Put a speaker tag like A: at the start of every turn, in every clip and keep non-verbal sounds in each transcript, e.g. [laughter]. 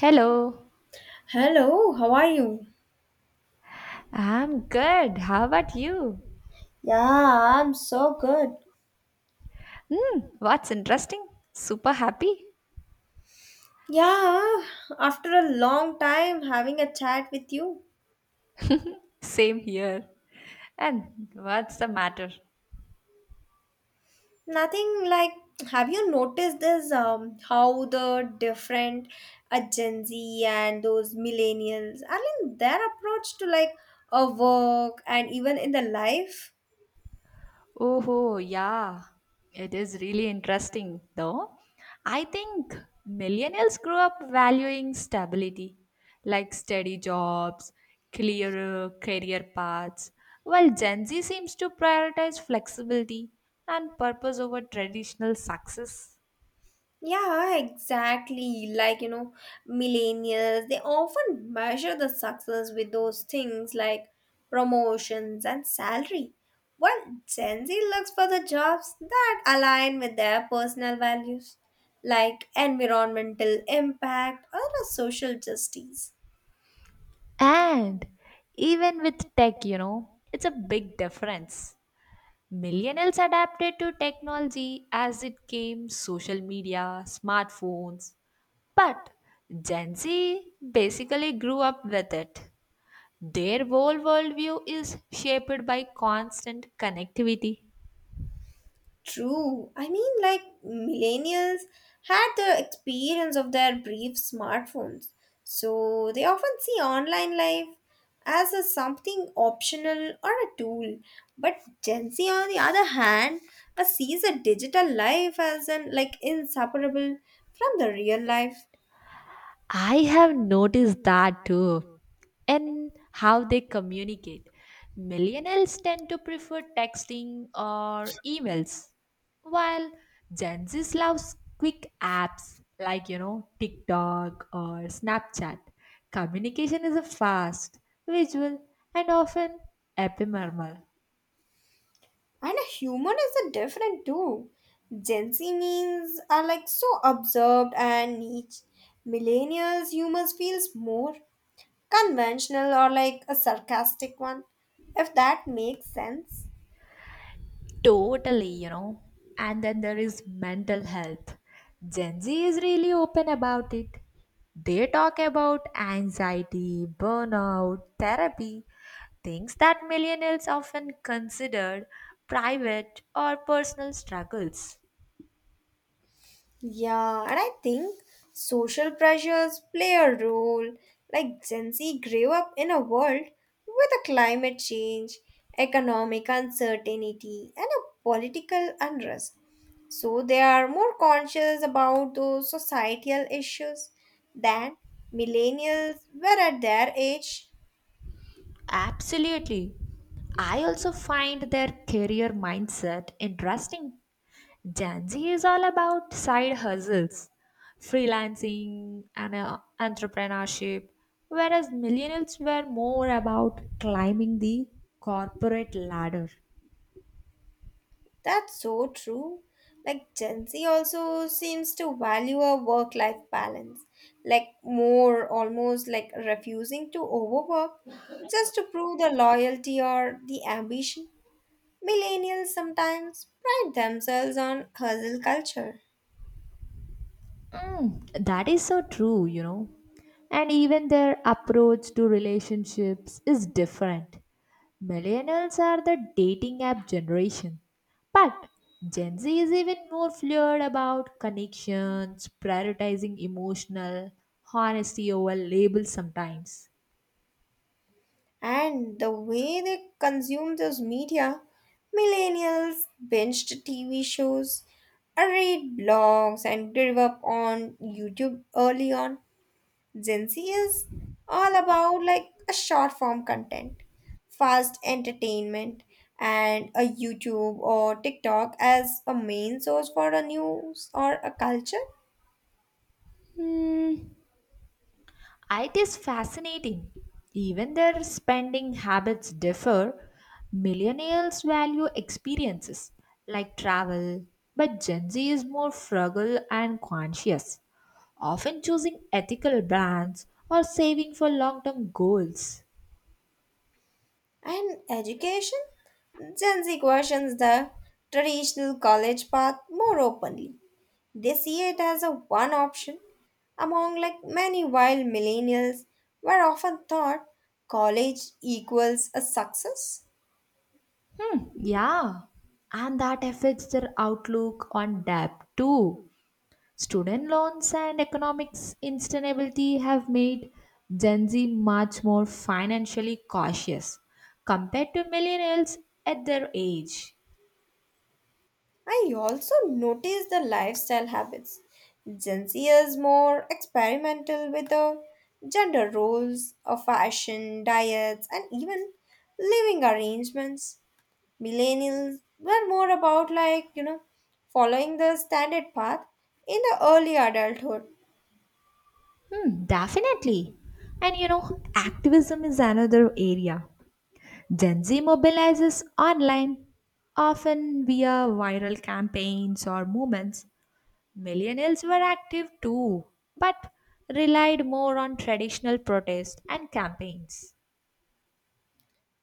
A: Hello.
B: Hello, how are you?
A: I'm good. How about you?
B: Yeah, I'm so good.
A: What's interesting? Super happy?
B: Yeah, after a long time having a chat with you.
A: Same here. And what's the matter?
B: Nothing like, have you noticed this? How the different Gen Z and those millennials I mean, their approach to like a work and even in the life?
A: Oh, yeah. It is really interesting, though. I think millennials grew up valuing stability, like steady jobs, clearer career paths, while Gen Z seems to prioritize flexibility and purpose over traditional success.
B: Yeah, exactly. Like, you know, millennials, they often measure the success with those things like promotions and salary, while Gen Z looks for the jobs that align with their personal values, like environmental impact or the social justice.
A: And even with tech, it's a big difference. Millennials adapted to technology as it came social media, smartphones, but Gen Z basically grew up with it. Their whole worldview is shaped by constant connectivity.
B: True. I mean, like, millennials had the experience of their brief smartphones, so they often see online life as a something optional or a tool. But Gen Z, on the other hand, sees a digital life as an like inseparable from the real life,
A: I have noticed that too. And how they communicate. Millennials tend to prefer texting or emails, while Gen Z loves quick apps like, TikTok or Snapchat. Communication is a fast, visual, and often ephemeral.
B: and a human is a different too. Gen Z means are like so observed and niche. Millennials humans feels more conventional or like a sarcastic one, if that makes sense.
A: Totally. And then there is mental health. Gen Z is really open about it. They talk about anxiety, burnout, therapy, things that millennials often considered private or personal struggles.
B: Yeah, and I think social pressures play a role. Like Gen Z grew up in a world with a climate change, economic uncertainty, and a political unrest. So they are more conscious about those societal issues than millennials were at their age.
A: Absolutely. I also find their career mindset interesting. Gen Z is all about side hustles, freelancing, and entrepreneurship, whereas millennials were more about climbing the corporate ladder.
B: That's so true. Like Gen Z also seems to value a work life balance, like more almost like refusing to overwork just to prove the loyalty or the ambition. Millennials sometimes pride themselves on hustle culture
A: That is so true. And even their approach to relationships is different. Millennials are the dating app generation. But Gen Z is even more fluid about connections, prioritizing emotional honesty over labels sometimes.
B: and the way they consume those media. Millennials binged TV shows, read blogs, and grew up on YouTube early on. Gen Z is all about like a short form content, fast entertainment, and a YouTube or TikTok as a main source for a news or a culture
A: It is fascinating. Even their spending habits differ. Millennials value experiences like travel, but Gen Z is more frugal and conscious, often choosing ethical brands or saving for long term goals.
B: and education. Gen Z questions the traditional college path more openly. They see it as a one option among like many while millennials were often thought college equals a success.
A: Yeah, and that affects their outlook on debt too. Student loans and economic instability have made Gen Z much more financially cautious compared to millennials at their age.
B: I also notice the lifestyle habits. Gen Z is more experimental with the gender roles of fashion, diets, and even living arrangements. Millennials were more about, like, you know, following the standard path in the early adulthood.
A: Hmm, definitely. And activism is another area. Gen Z mobilizes online, often via viral campaigns or movements. Millennials were active too, but relied more on traditional protest and campaigns.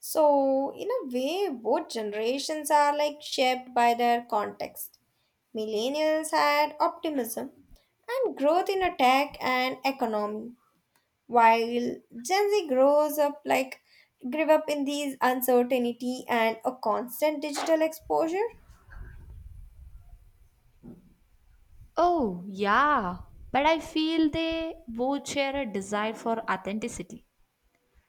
B: So, in a way, both generations are like shaped by their context. Millennials had optimism and growth in a tech and economy while Gen Z grows up like grew up in these uncertainty and a constant digital exposure.
A: Oh, yeah. But I feel they both share a desire for authenticity.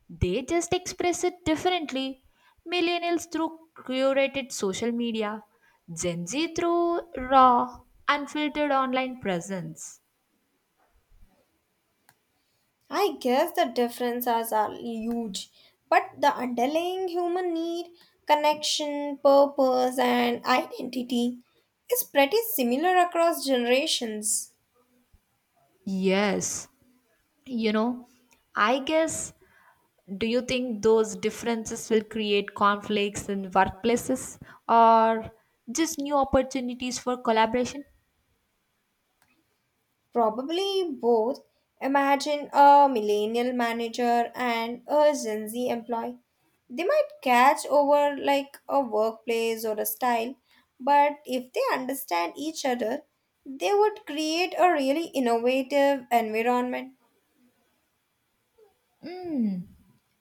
A: They just express it differently. Millennials through curated social media, Gen Z through raw, unfiltered online presence.
B: I guess the differences are huge, but the underlying human need, connection, purpose, and identity is pretty similar across generations.
A: Yes, you know, I guess. Do you think those differences will create conflicts in workplaces or just new opportunities for collaboration?
B: Probably both. Imagine a millennial manager and a Gen Z employee. They might catch over like a workplace or a style, but if they understand each other, they would create a really innovative environment.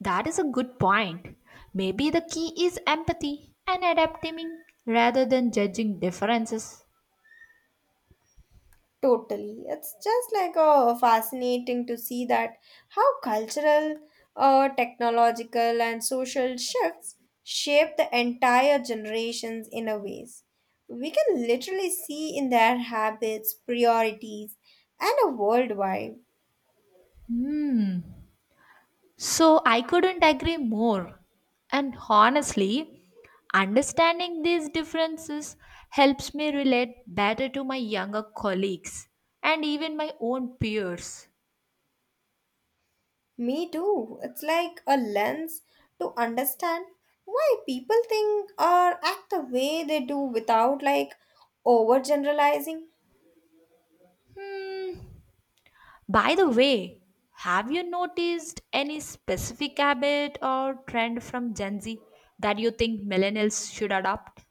A: That is a good point. Maybe the key is empathy and adapting rather than judging differences.
B: Totally. It's just like fascinating to see that how cultural, technological, and social shifts shape the entire generations in a ways. We can literally see in their habits, priorities, and a worldwide.
A: So I couldn't agree more. And honestly, understanding these differences helps me relate better to my younger colleagues and even my own peers.
B: Me too. It's like a lens to understand why people think or act the way they do without like overgeneralizing.
A: By the way, have you noticed any specific habit or trend from Gen Z that you think millennials should adopt?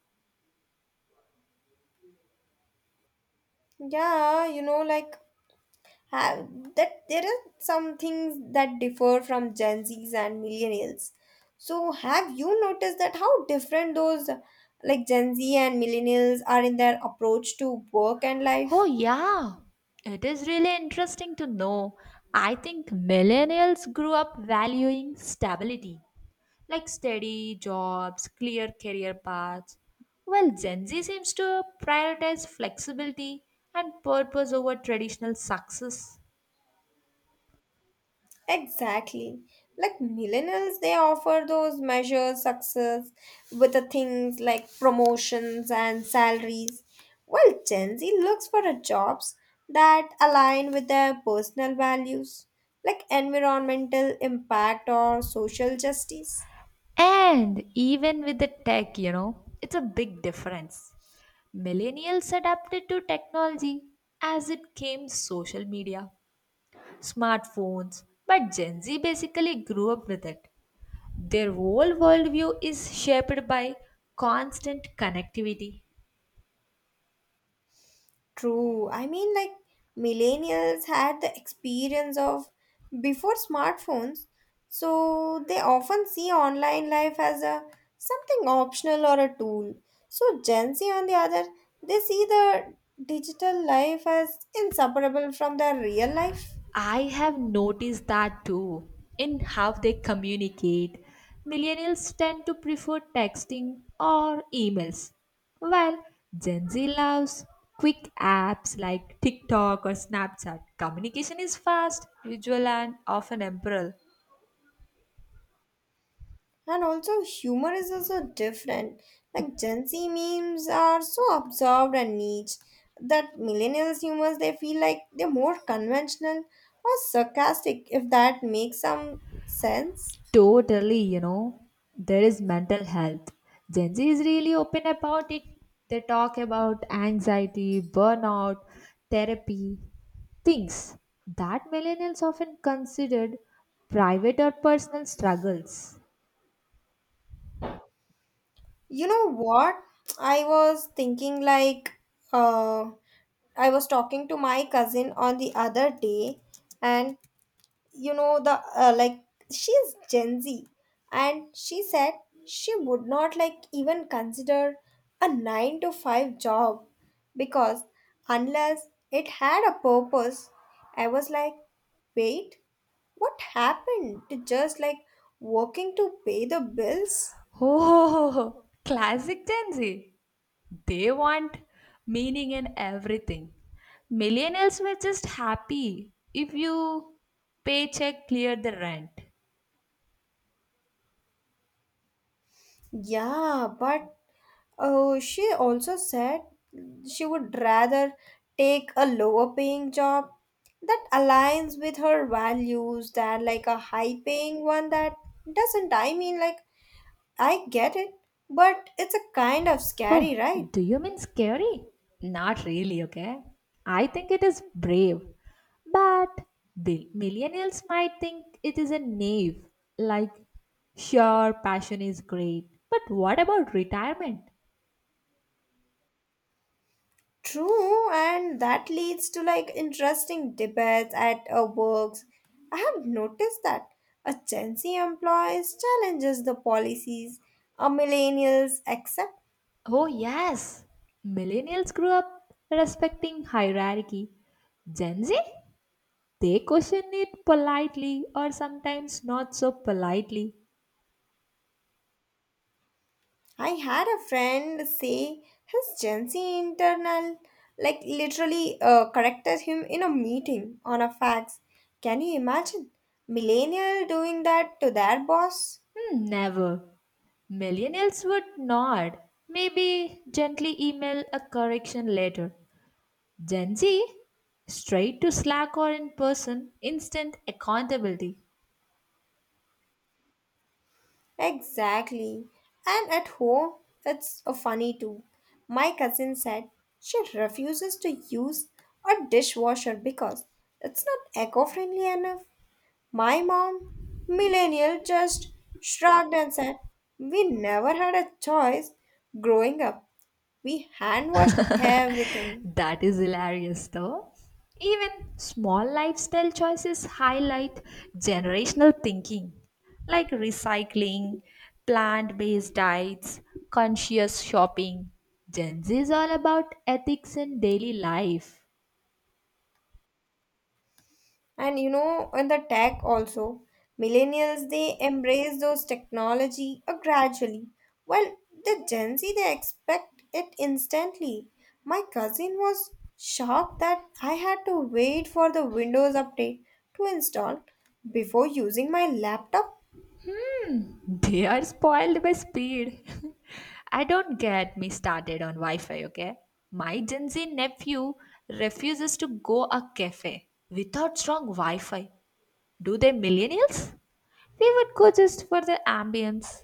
B: Yeah, you know, like have that there are some things that differ from Gen Zs and millennials. So have you noticed that how different those like Gen Z and millennials are in their approach to work and life?
A: Oh, yeah. It is really interesting to know. I think millennials grew up valuing stability, like steady jobs, clear career paths, while Gen Z seems to prioritize flexibility and purpose over traditional success.
B: Exactly. Like millennials, they offer those measured success with the things like promotions and salaries, while Gen Z looks for a jobs that align with their personal values, like environmental impact or social justice.
A: And even with the tech, it's a big difference. Millennials adapted to technology as it came social media smartphones, but Gen Z basically grew up with it. Their whole worldview is shaped by constant connectivity.
B: True. I mean, like, millennials had the experience of before smartphones, so they often see online life as a something optional or a tool. So Gen Z, on the other, they see the digital life as inseparable from their real life.
A: I have noticed that too in how they communicate. Millennials tend to prefer texting or emails, while Gen Z loves quick apps like TikTok or Snapchat. Communication is fast, visual, and often temporal.
B: And also, humor is also different. Like Gen Z memes are so absorbed and niche that millennials' humors they feel like they're more conventional or sarcastic, if that makes some sense.
A: Totally, there is mental health. Gen Z is really open about it. They talk about anxiety, burnout, therapy, things that millennials often considered private or personal struggles.
B: You know what? I was thinking like, uh, I was talking to my cousin on the other day, and you know the like she's gen z and she said she would not like even consider a 9 to 5 job because unless it had a purpose. I was like, wait, what happened to just like working to pay the bills?
A: Oh, [laughs] classic Gen Z. They want meaning in everything. Millennials were just happy if you paycheck cleared the rent.
B: Yeah, but oh, she also said she would rather take a lower paying job that aligns with her values than like a high paying one that doesn't. I mean, like, I get it, but it's a kind of scary,
A: Oh,
B: right?
A: do you mean scary? Not really, okay? I think it is brave. But millennials might think it is a knave. Like, sure, passion is great. But what about retirement?
B: True, and that leads to like interesting debates at works. I have noticed that a Gen Z employees challenges the policies, a millennials accept.
A: Oh, yes. Millennials grew up respecting hierarchy. Gen Z? They question it politely or sometimes not so politely.
B: I had a friend say his Gen Z internal, like literally corrected him in a meeting on a fax. Can you imagine? Millennial doing that to their boss?
A: Hmm, never. Millennials would nod, maybe gently email a correction later. Gen Z, straight to Slack or in person, instant accountability.
B: Exactly. And at home, it's a funny too. My cousin said she refuses to use a dishwasher because it's not eco friendly enough. My mom, millennial, just shrugged and said, we never had a choice growing up. We hand washed everything.
A: That is hilarious though. Even small lifestyle choices highlight generational thinking, like recycling, plant based diets, conscious shopping. Gen Z is all about ethics in daily life.
B: And you know, in the tech also, millennials they embrace those technology gradually. While the Gen Z they expect it instantly. My cousin was shocked that I had to wait for the Windows update to install before using my laptop.
A: They are spoiled by speed. [laughs] I don't get me started on Wi Fi, okay? My Gen Z nephew refuses to go a cafe without strong Wi Fi. Do they millennials? We would go just for the ambience.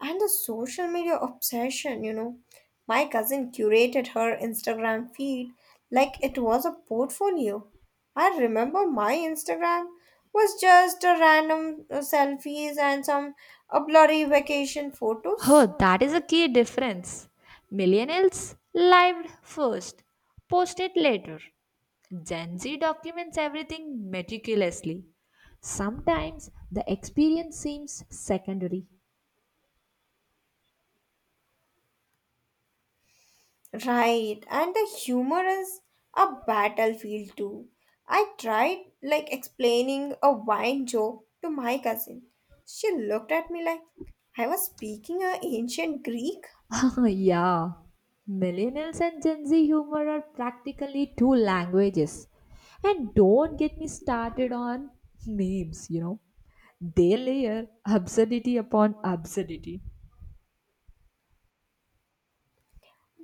B: And the social media obsession, you know. My cousin curated her Instagram feed like it was a portfolio. I remember my Instagram was just a random selfies and some a blurry vacation photos.
A: Oh, that is a key difference. Millennials lived first, posted later. Gen Z documents everything meticulously. Sometimes the experience seems secondary.
B: Right, and the humor is a battlefield too. I tried like explaining a wine joke to my cousin. She looked at me like I was speaking a ancient Greek.
A: [laughs] Yeah, millennials and Gen Z humor are practically two languages. And don't get me started on memes. They layer absurdity upon absurdity.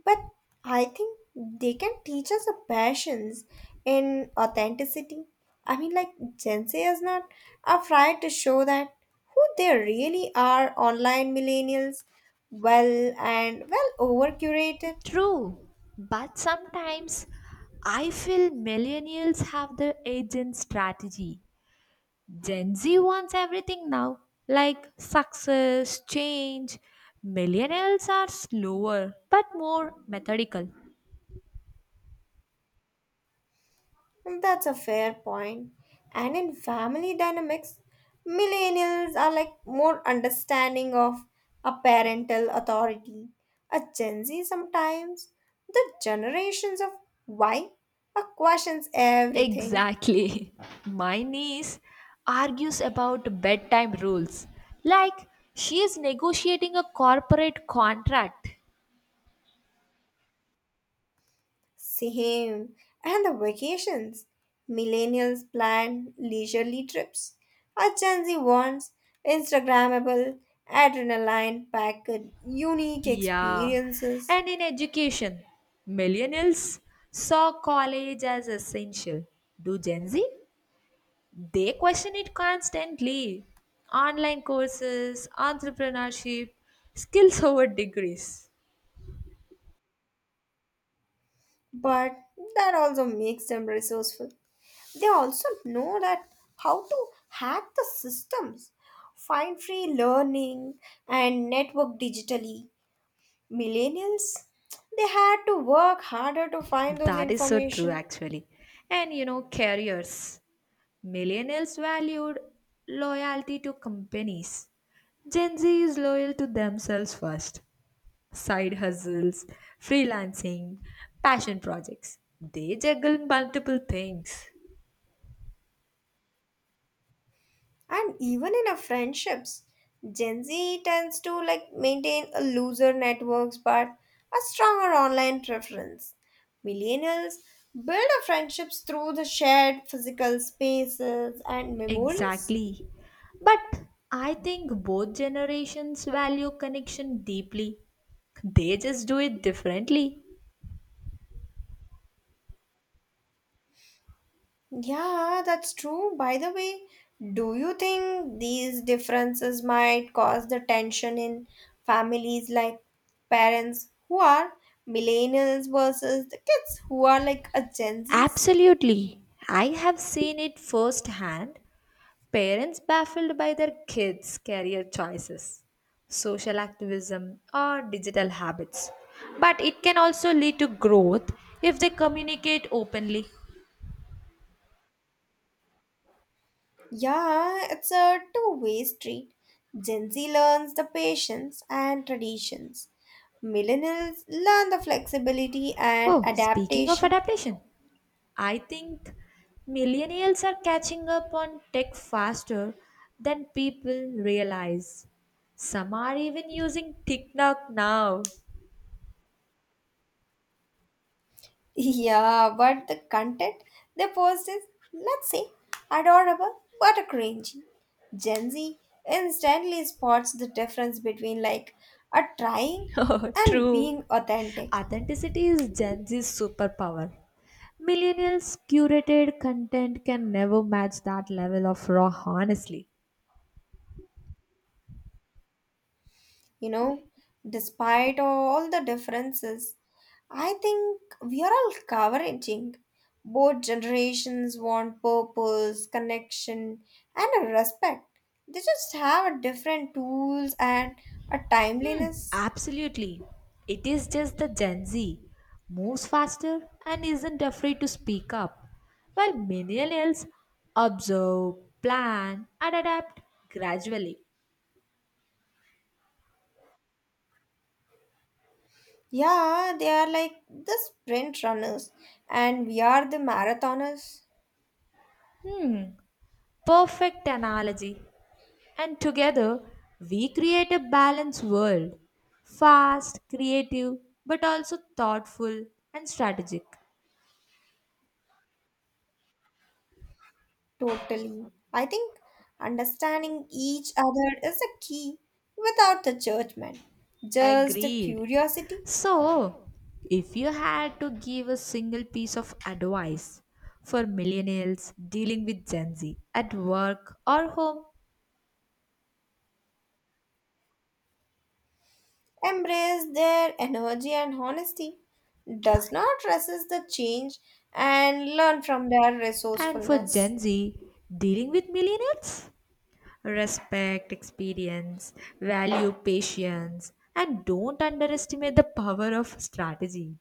B: But I think they can teach us a passions in authenticity. I mean, like Gen Z is not afraid to show that who they really are. Online millennials, well and well over curated.
A: True, but sometimes I feel millennials have the agent strategy. Gen Z wants everything now, like success, change. Millennials are slower but more methodical.
B: That's a fair point. And in family dynamics, millennials are like more understanding of a parental authority. A Gen Z sometimes, the generations of Y are questions everything.
A: Exactly. [laughs] My niece argues about bedtime rules like she is negotiating a corporate contract.
B: Same. And the vacations. Millennials plan leisurely trips. A Gen Z wants Instagrammable, adrenaline-packed, unique
A: Yeah.
B: experiences.
A: And in education, millennials saw college as essential. Do Gen Z? They question it constantly. Online courses, entrepreneurship, skills over degrees.
B: But that also makes them resourceful. They also know that how to hack the systems, find free learning, and network digitally. Millennials, they had to work harder to find those
A: That is so true,
B: information.
A: actually. And careers. Millennials valued loyalty to companies. Gen Z is loyal to themselves first. Side hustles, freelancing, passion projects. They juggle multiple things.
B: And even in our friendships, Gen Z tends to like maintain a looser networks but a stronger online preference. Millennials build our friendships through the shared physical spaces and memories.
A: Exactly. But I think both generations value connection deeply. They just do it differently.
B: Yeah, that's true. By the way, do you think these differences might cause the tension in families like parents who are millennials versus the kids who are like a Gen Zs?
A: Absolutely. I have seen it firsthand. Parents baffled by their kids' career choices, social activism, or digital habits. But it can also lead to growth if they communicate openly.
B: Yeah, it's a two-way street. Gen Z learns the patience and traditions. Millennials learn the flexibility and
A: Oh, speaking of
B: adaptation.
A: adaptation, I think millennials are catching up on tech faster than people realize. Some are even using TikTok now.
B: [laughs] Yeah, but the content they post is, let's say, adorable but a cringy. Gen Z instantly spots the difference between like a trying
A: [laughs] Oh,
B: and
A: true.
B: being authentic,
A: Authenticity is Gen Z's superpower. Millennials' curated content can never match that level of raw honesty.
B: you know, despite all the differences I think we are all covering. Both generations want purpose, connection, and a respect. They just have a different tools and a
A: Hmm,
B: timeliness.
A: absolutely. It is just the Gen Z moves faster and isn't afraid to speak up, while millennials observe, plan, and adapt gradually.
B: Yeah, they are like the sprint runners, and we are the marathoners.
A: Hmm, perfect analogy. And together, we create a balanced world fast, creative, but also thoughtful and strategic.
B: Totally. I think understanding each other is a key without the judgment, just the
A: Agreed.
B: curiosity.
A: So, if you had to give a single piece of advice for millennials dealing with Gen Z at work or home,
B: Embrace their energy and honesty, does not resist the change, and learn from their
A: and for
B: resourcefulness.
A: Gen Z dealing with millennials, respect experience, value patience, and don't underestimate the power of strategy.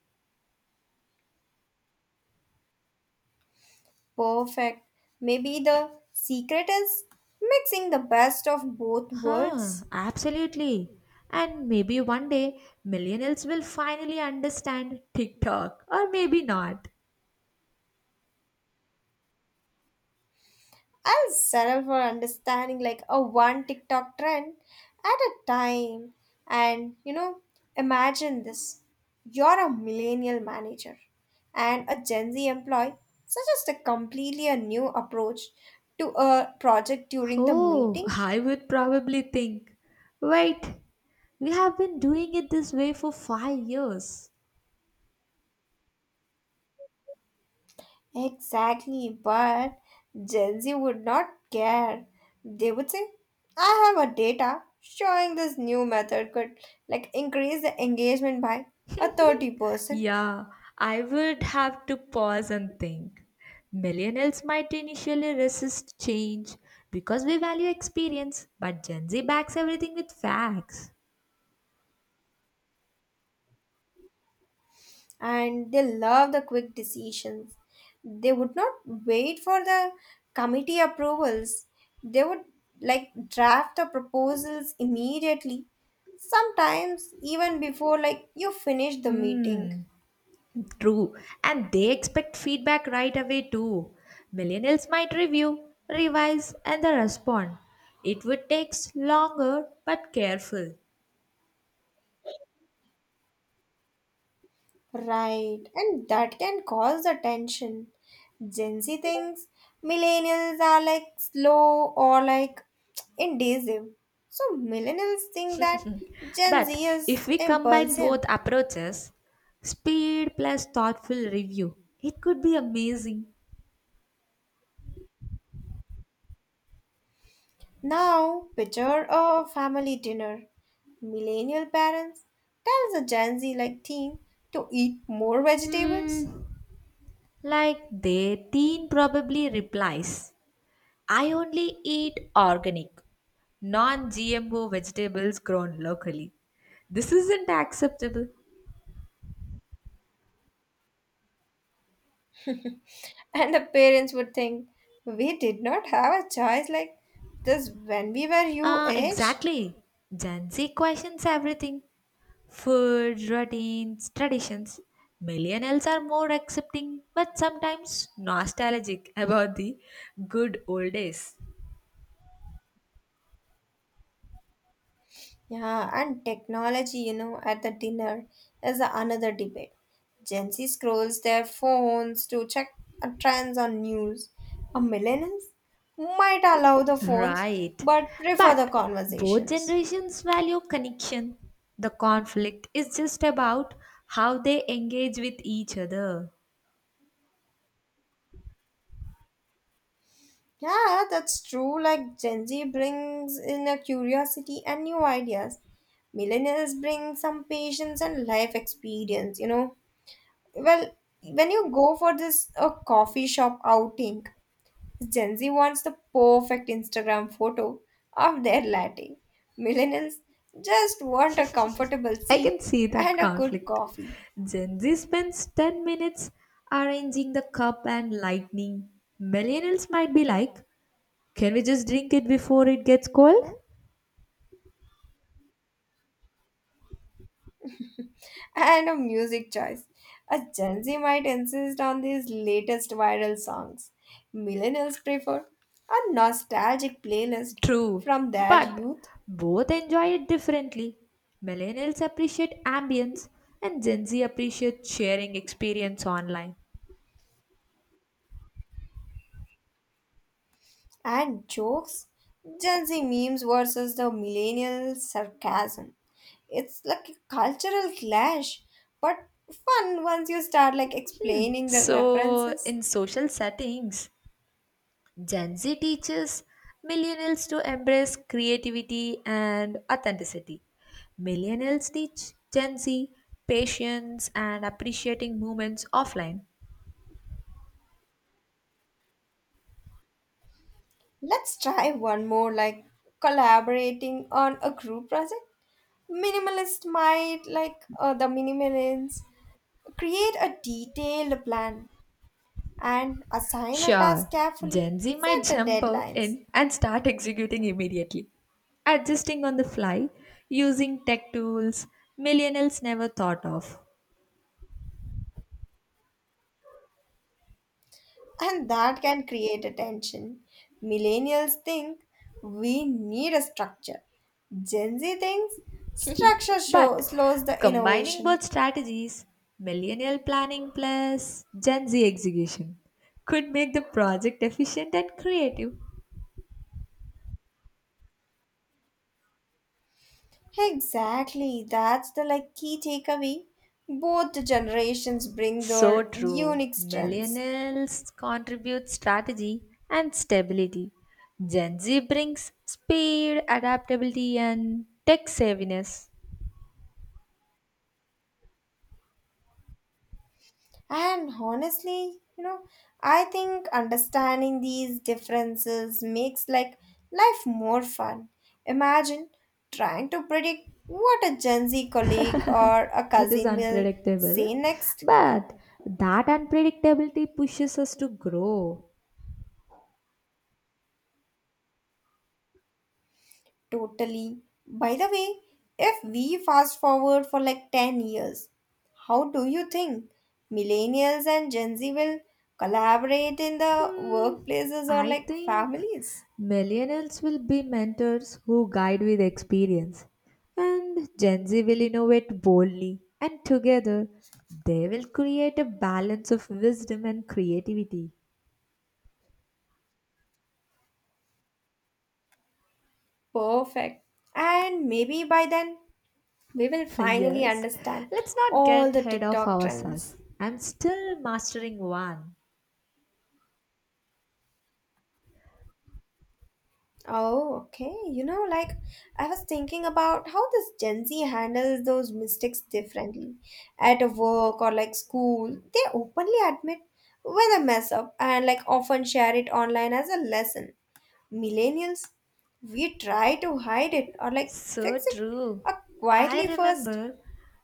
B: Perfect. Maybe the secret is mixing the best of both
A: Huh,
B: worlds.
A: absolutely. And maybe one day millennials will finally understand TikTok, or maybe not.
B: I'll settle for understanding like a one TikTok trend at a time. And you know, imagine this, you're a millennial manager and a Gen Z employee suggests a completely a new approach to a project during the
A: Oh,
B: meeting.
A: I would probably think, wait, we have been doing it this way for 5 years.
B: Exactly, but Gen Z would not care. They would say, I have a data showing this new method could like increase the engagement by a
A: [laughs]
B: 30%.
A: Yeah, I would have to pause and think. Millennials might initially resist change because we value experience, but Gen Z backs everything with facts.
B: And they love the quick decisions. They would not wait for the committee approvals. They would like draft the proposals immediately, sometimes even before like you finish the meeting.
A: True, and they expect feedback right away too. Millennials might review, revise, and then respond. It would take longer but careful.
B: Right, and that can cause the tension. Gen Z thinks millennials are like slow or like [tsk] indecisive. So millennials think that Gen
A: But
B: Z
A: if
B: is
A: we combine both
B: impulsive.
A: approaches, speed plus thoughtful review, it could be amazing.
B: Now, picture a family dinner. Millennial parents tells a Gen Z like teen to eat more vegetables.
A: Hmm, like their teen probably replies, I only eat organic, non GMO vegetables grown locally. This isn't acceptable.
B: [laughs] And the parents would think, "We did not have a choice like this when we were your age."
A: Exactly. Gen Z questions everything food, routines, traditions. Millennials are more accepting but sometimes nostalgic [laughs] about the good old days.
B: Yeah, and technology, you know, at the dinner is another debate. Gen Z scrolls their phones to check trends on news. A millennials might allow the phones
A: Right.
B: but prefer the
A: But both
B: conversations.
A: generations value connection. The conflict is just about how they engage with each other.
B: Yeah, that's true. Like Gen Z brings in a curiosity and new ideas. Millennials bring some patience and life experience, you know. Well, when you go for this a coffee shop outing, Gen Z wants the perfect Instagram photo of their latte. Millennials just want a comfortable
A: I
B: seat
A: can see that
B: and a good
A: conflict.
B: coffee.
A: Gen Z spends 10 minutes arranging the cup and lightning. Millennials might be like, can we just drink it before it gets cold?
B: And a music choice. A Gen Z might insist on these latest viral songs. Millennials prefer a nostalgic playlist
A: True,
B: from their
A: but
B: youth
A: both enjoy it differently. Millennials appreciate ambience, and Gen Z appreciate sharing experience online.
B: and jokes. Gen Z memes versus the millennial sarcasm. It's like a cultural clash, but fun once you start like explaining the
A: So,
B: references.
A: in social settings, Gen Z teaches millennials to embrace creativity and authenticity. Millennials teach Gen Z patience and appreciating moments offline.
B: Let's try one more like collaborating on a group project. Minimalist might, like the minimalists, create a detailed plan and assign a
A: Sure,
B: task carefully,
A: Gen Z
B: set
A: might
B: the
A: jump
B: deadlines,
A: in and start executing immediately, adjusting on the fly, using tech tools millennials never thought of.
B: and that can create attention. Millennials think we need a structure. Gen Z thinks
A: But
B: slows the
A: combining
B: innovation.
A: both strategies, millennial planning plus Gen Z execution, could make the project efficient and creative.
B: Exactly, that's the like key takeaway. Both the generations bring
A: So
B: their
A: true.
B: unique strengths.
A: Millennials contribute strategy and stability. Gen Z brings speed, adaptability, and tech savviness.
B: And honestly, you know, I think understanding these differences makes like life more fun. Imagine trying to predict what a Gen Z colleague or a
A: It is
B: cousin will say
A: unpredictable,
B: next.
A: but that unpredictability pushes us to grow.
B: Totally. By the way, if we fast forward for like 10 years, how do you think millennials and Gen Z will collaborate in the
A: Hmm,
B: workplaces or
A: I
B: like
A: think
B: families?
A: millennials will be mentors who guide with experience, and Gen Z will innovate boldly, and together they will create a balance of wisdom and creativity.
B: Perfect. And maybe by then we will
A: [laughs]
B: finally
A: Yes,
B: understand
A: let's not
B: all
A: get
B: the
A: ahead of
B: TikTok trends.
A: ourselves. I'm still mastering one.
B: Oh, okay. You know, like I was thinking about how this Gen Z handles those mistakes differently. At a work or like school, they openly admit when they mess up and like often share it online as a lesson. Millennials, we try to hide it or like
A: So
B: fix it
A: true.
B: uh,
A: I
B: quietly first.
A: remember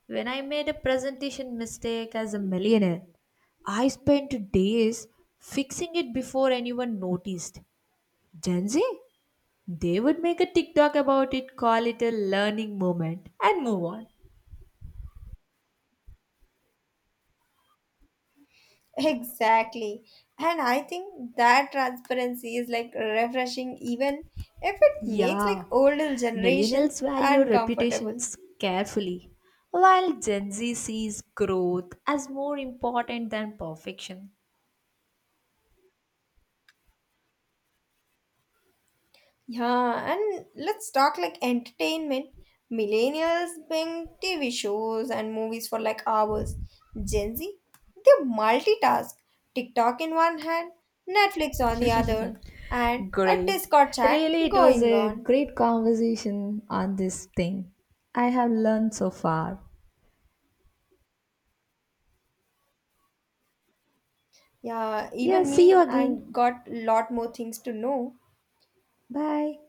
A: when I made a presentation mistake as a millionaire. I spent days fixing it before anyone noticed. Gen Z, they would make a TikTok about it, call it a learning moment, and move on.
B: Exactly. And I think that transparency is like refreshing even if it makes
A: Yeah,
B: like older generations
A: millennials value
B: uncomfortable.
A: reputations carefully, while Gen Z sees growth as more important than perfection.
B: Yeah, and let's talk like entertainment. Millennials being TV shows and movies for like hours. Gen Z, they multitask. TikTok in one hand, Netflix on the other, and a
A: Great.
B: Discord chat
A: Really, it was
B: going
A: a
B: on.
A: great conversation on this thing. I have learned so far.
B: Yeah,
A: Yeah,
B: even
A: see you
B: me,
A: again.
B: I've got lot more things to know.
A: Bye.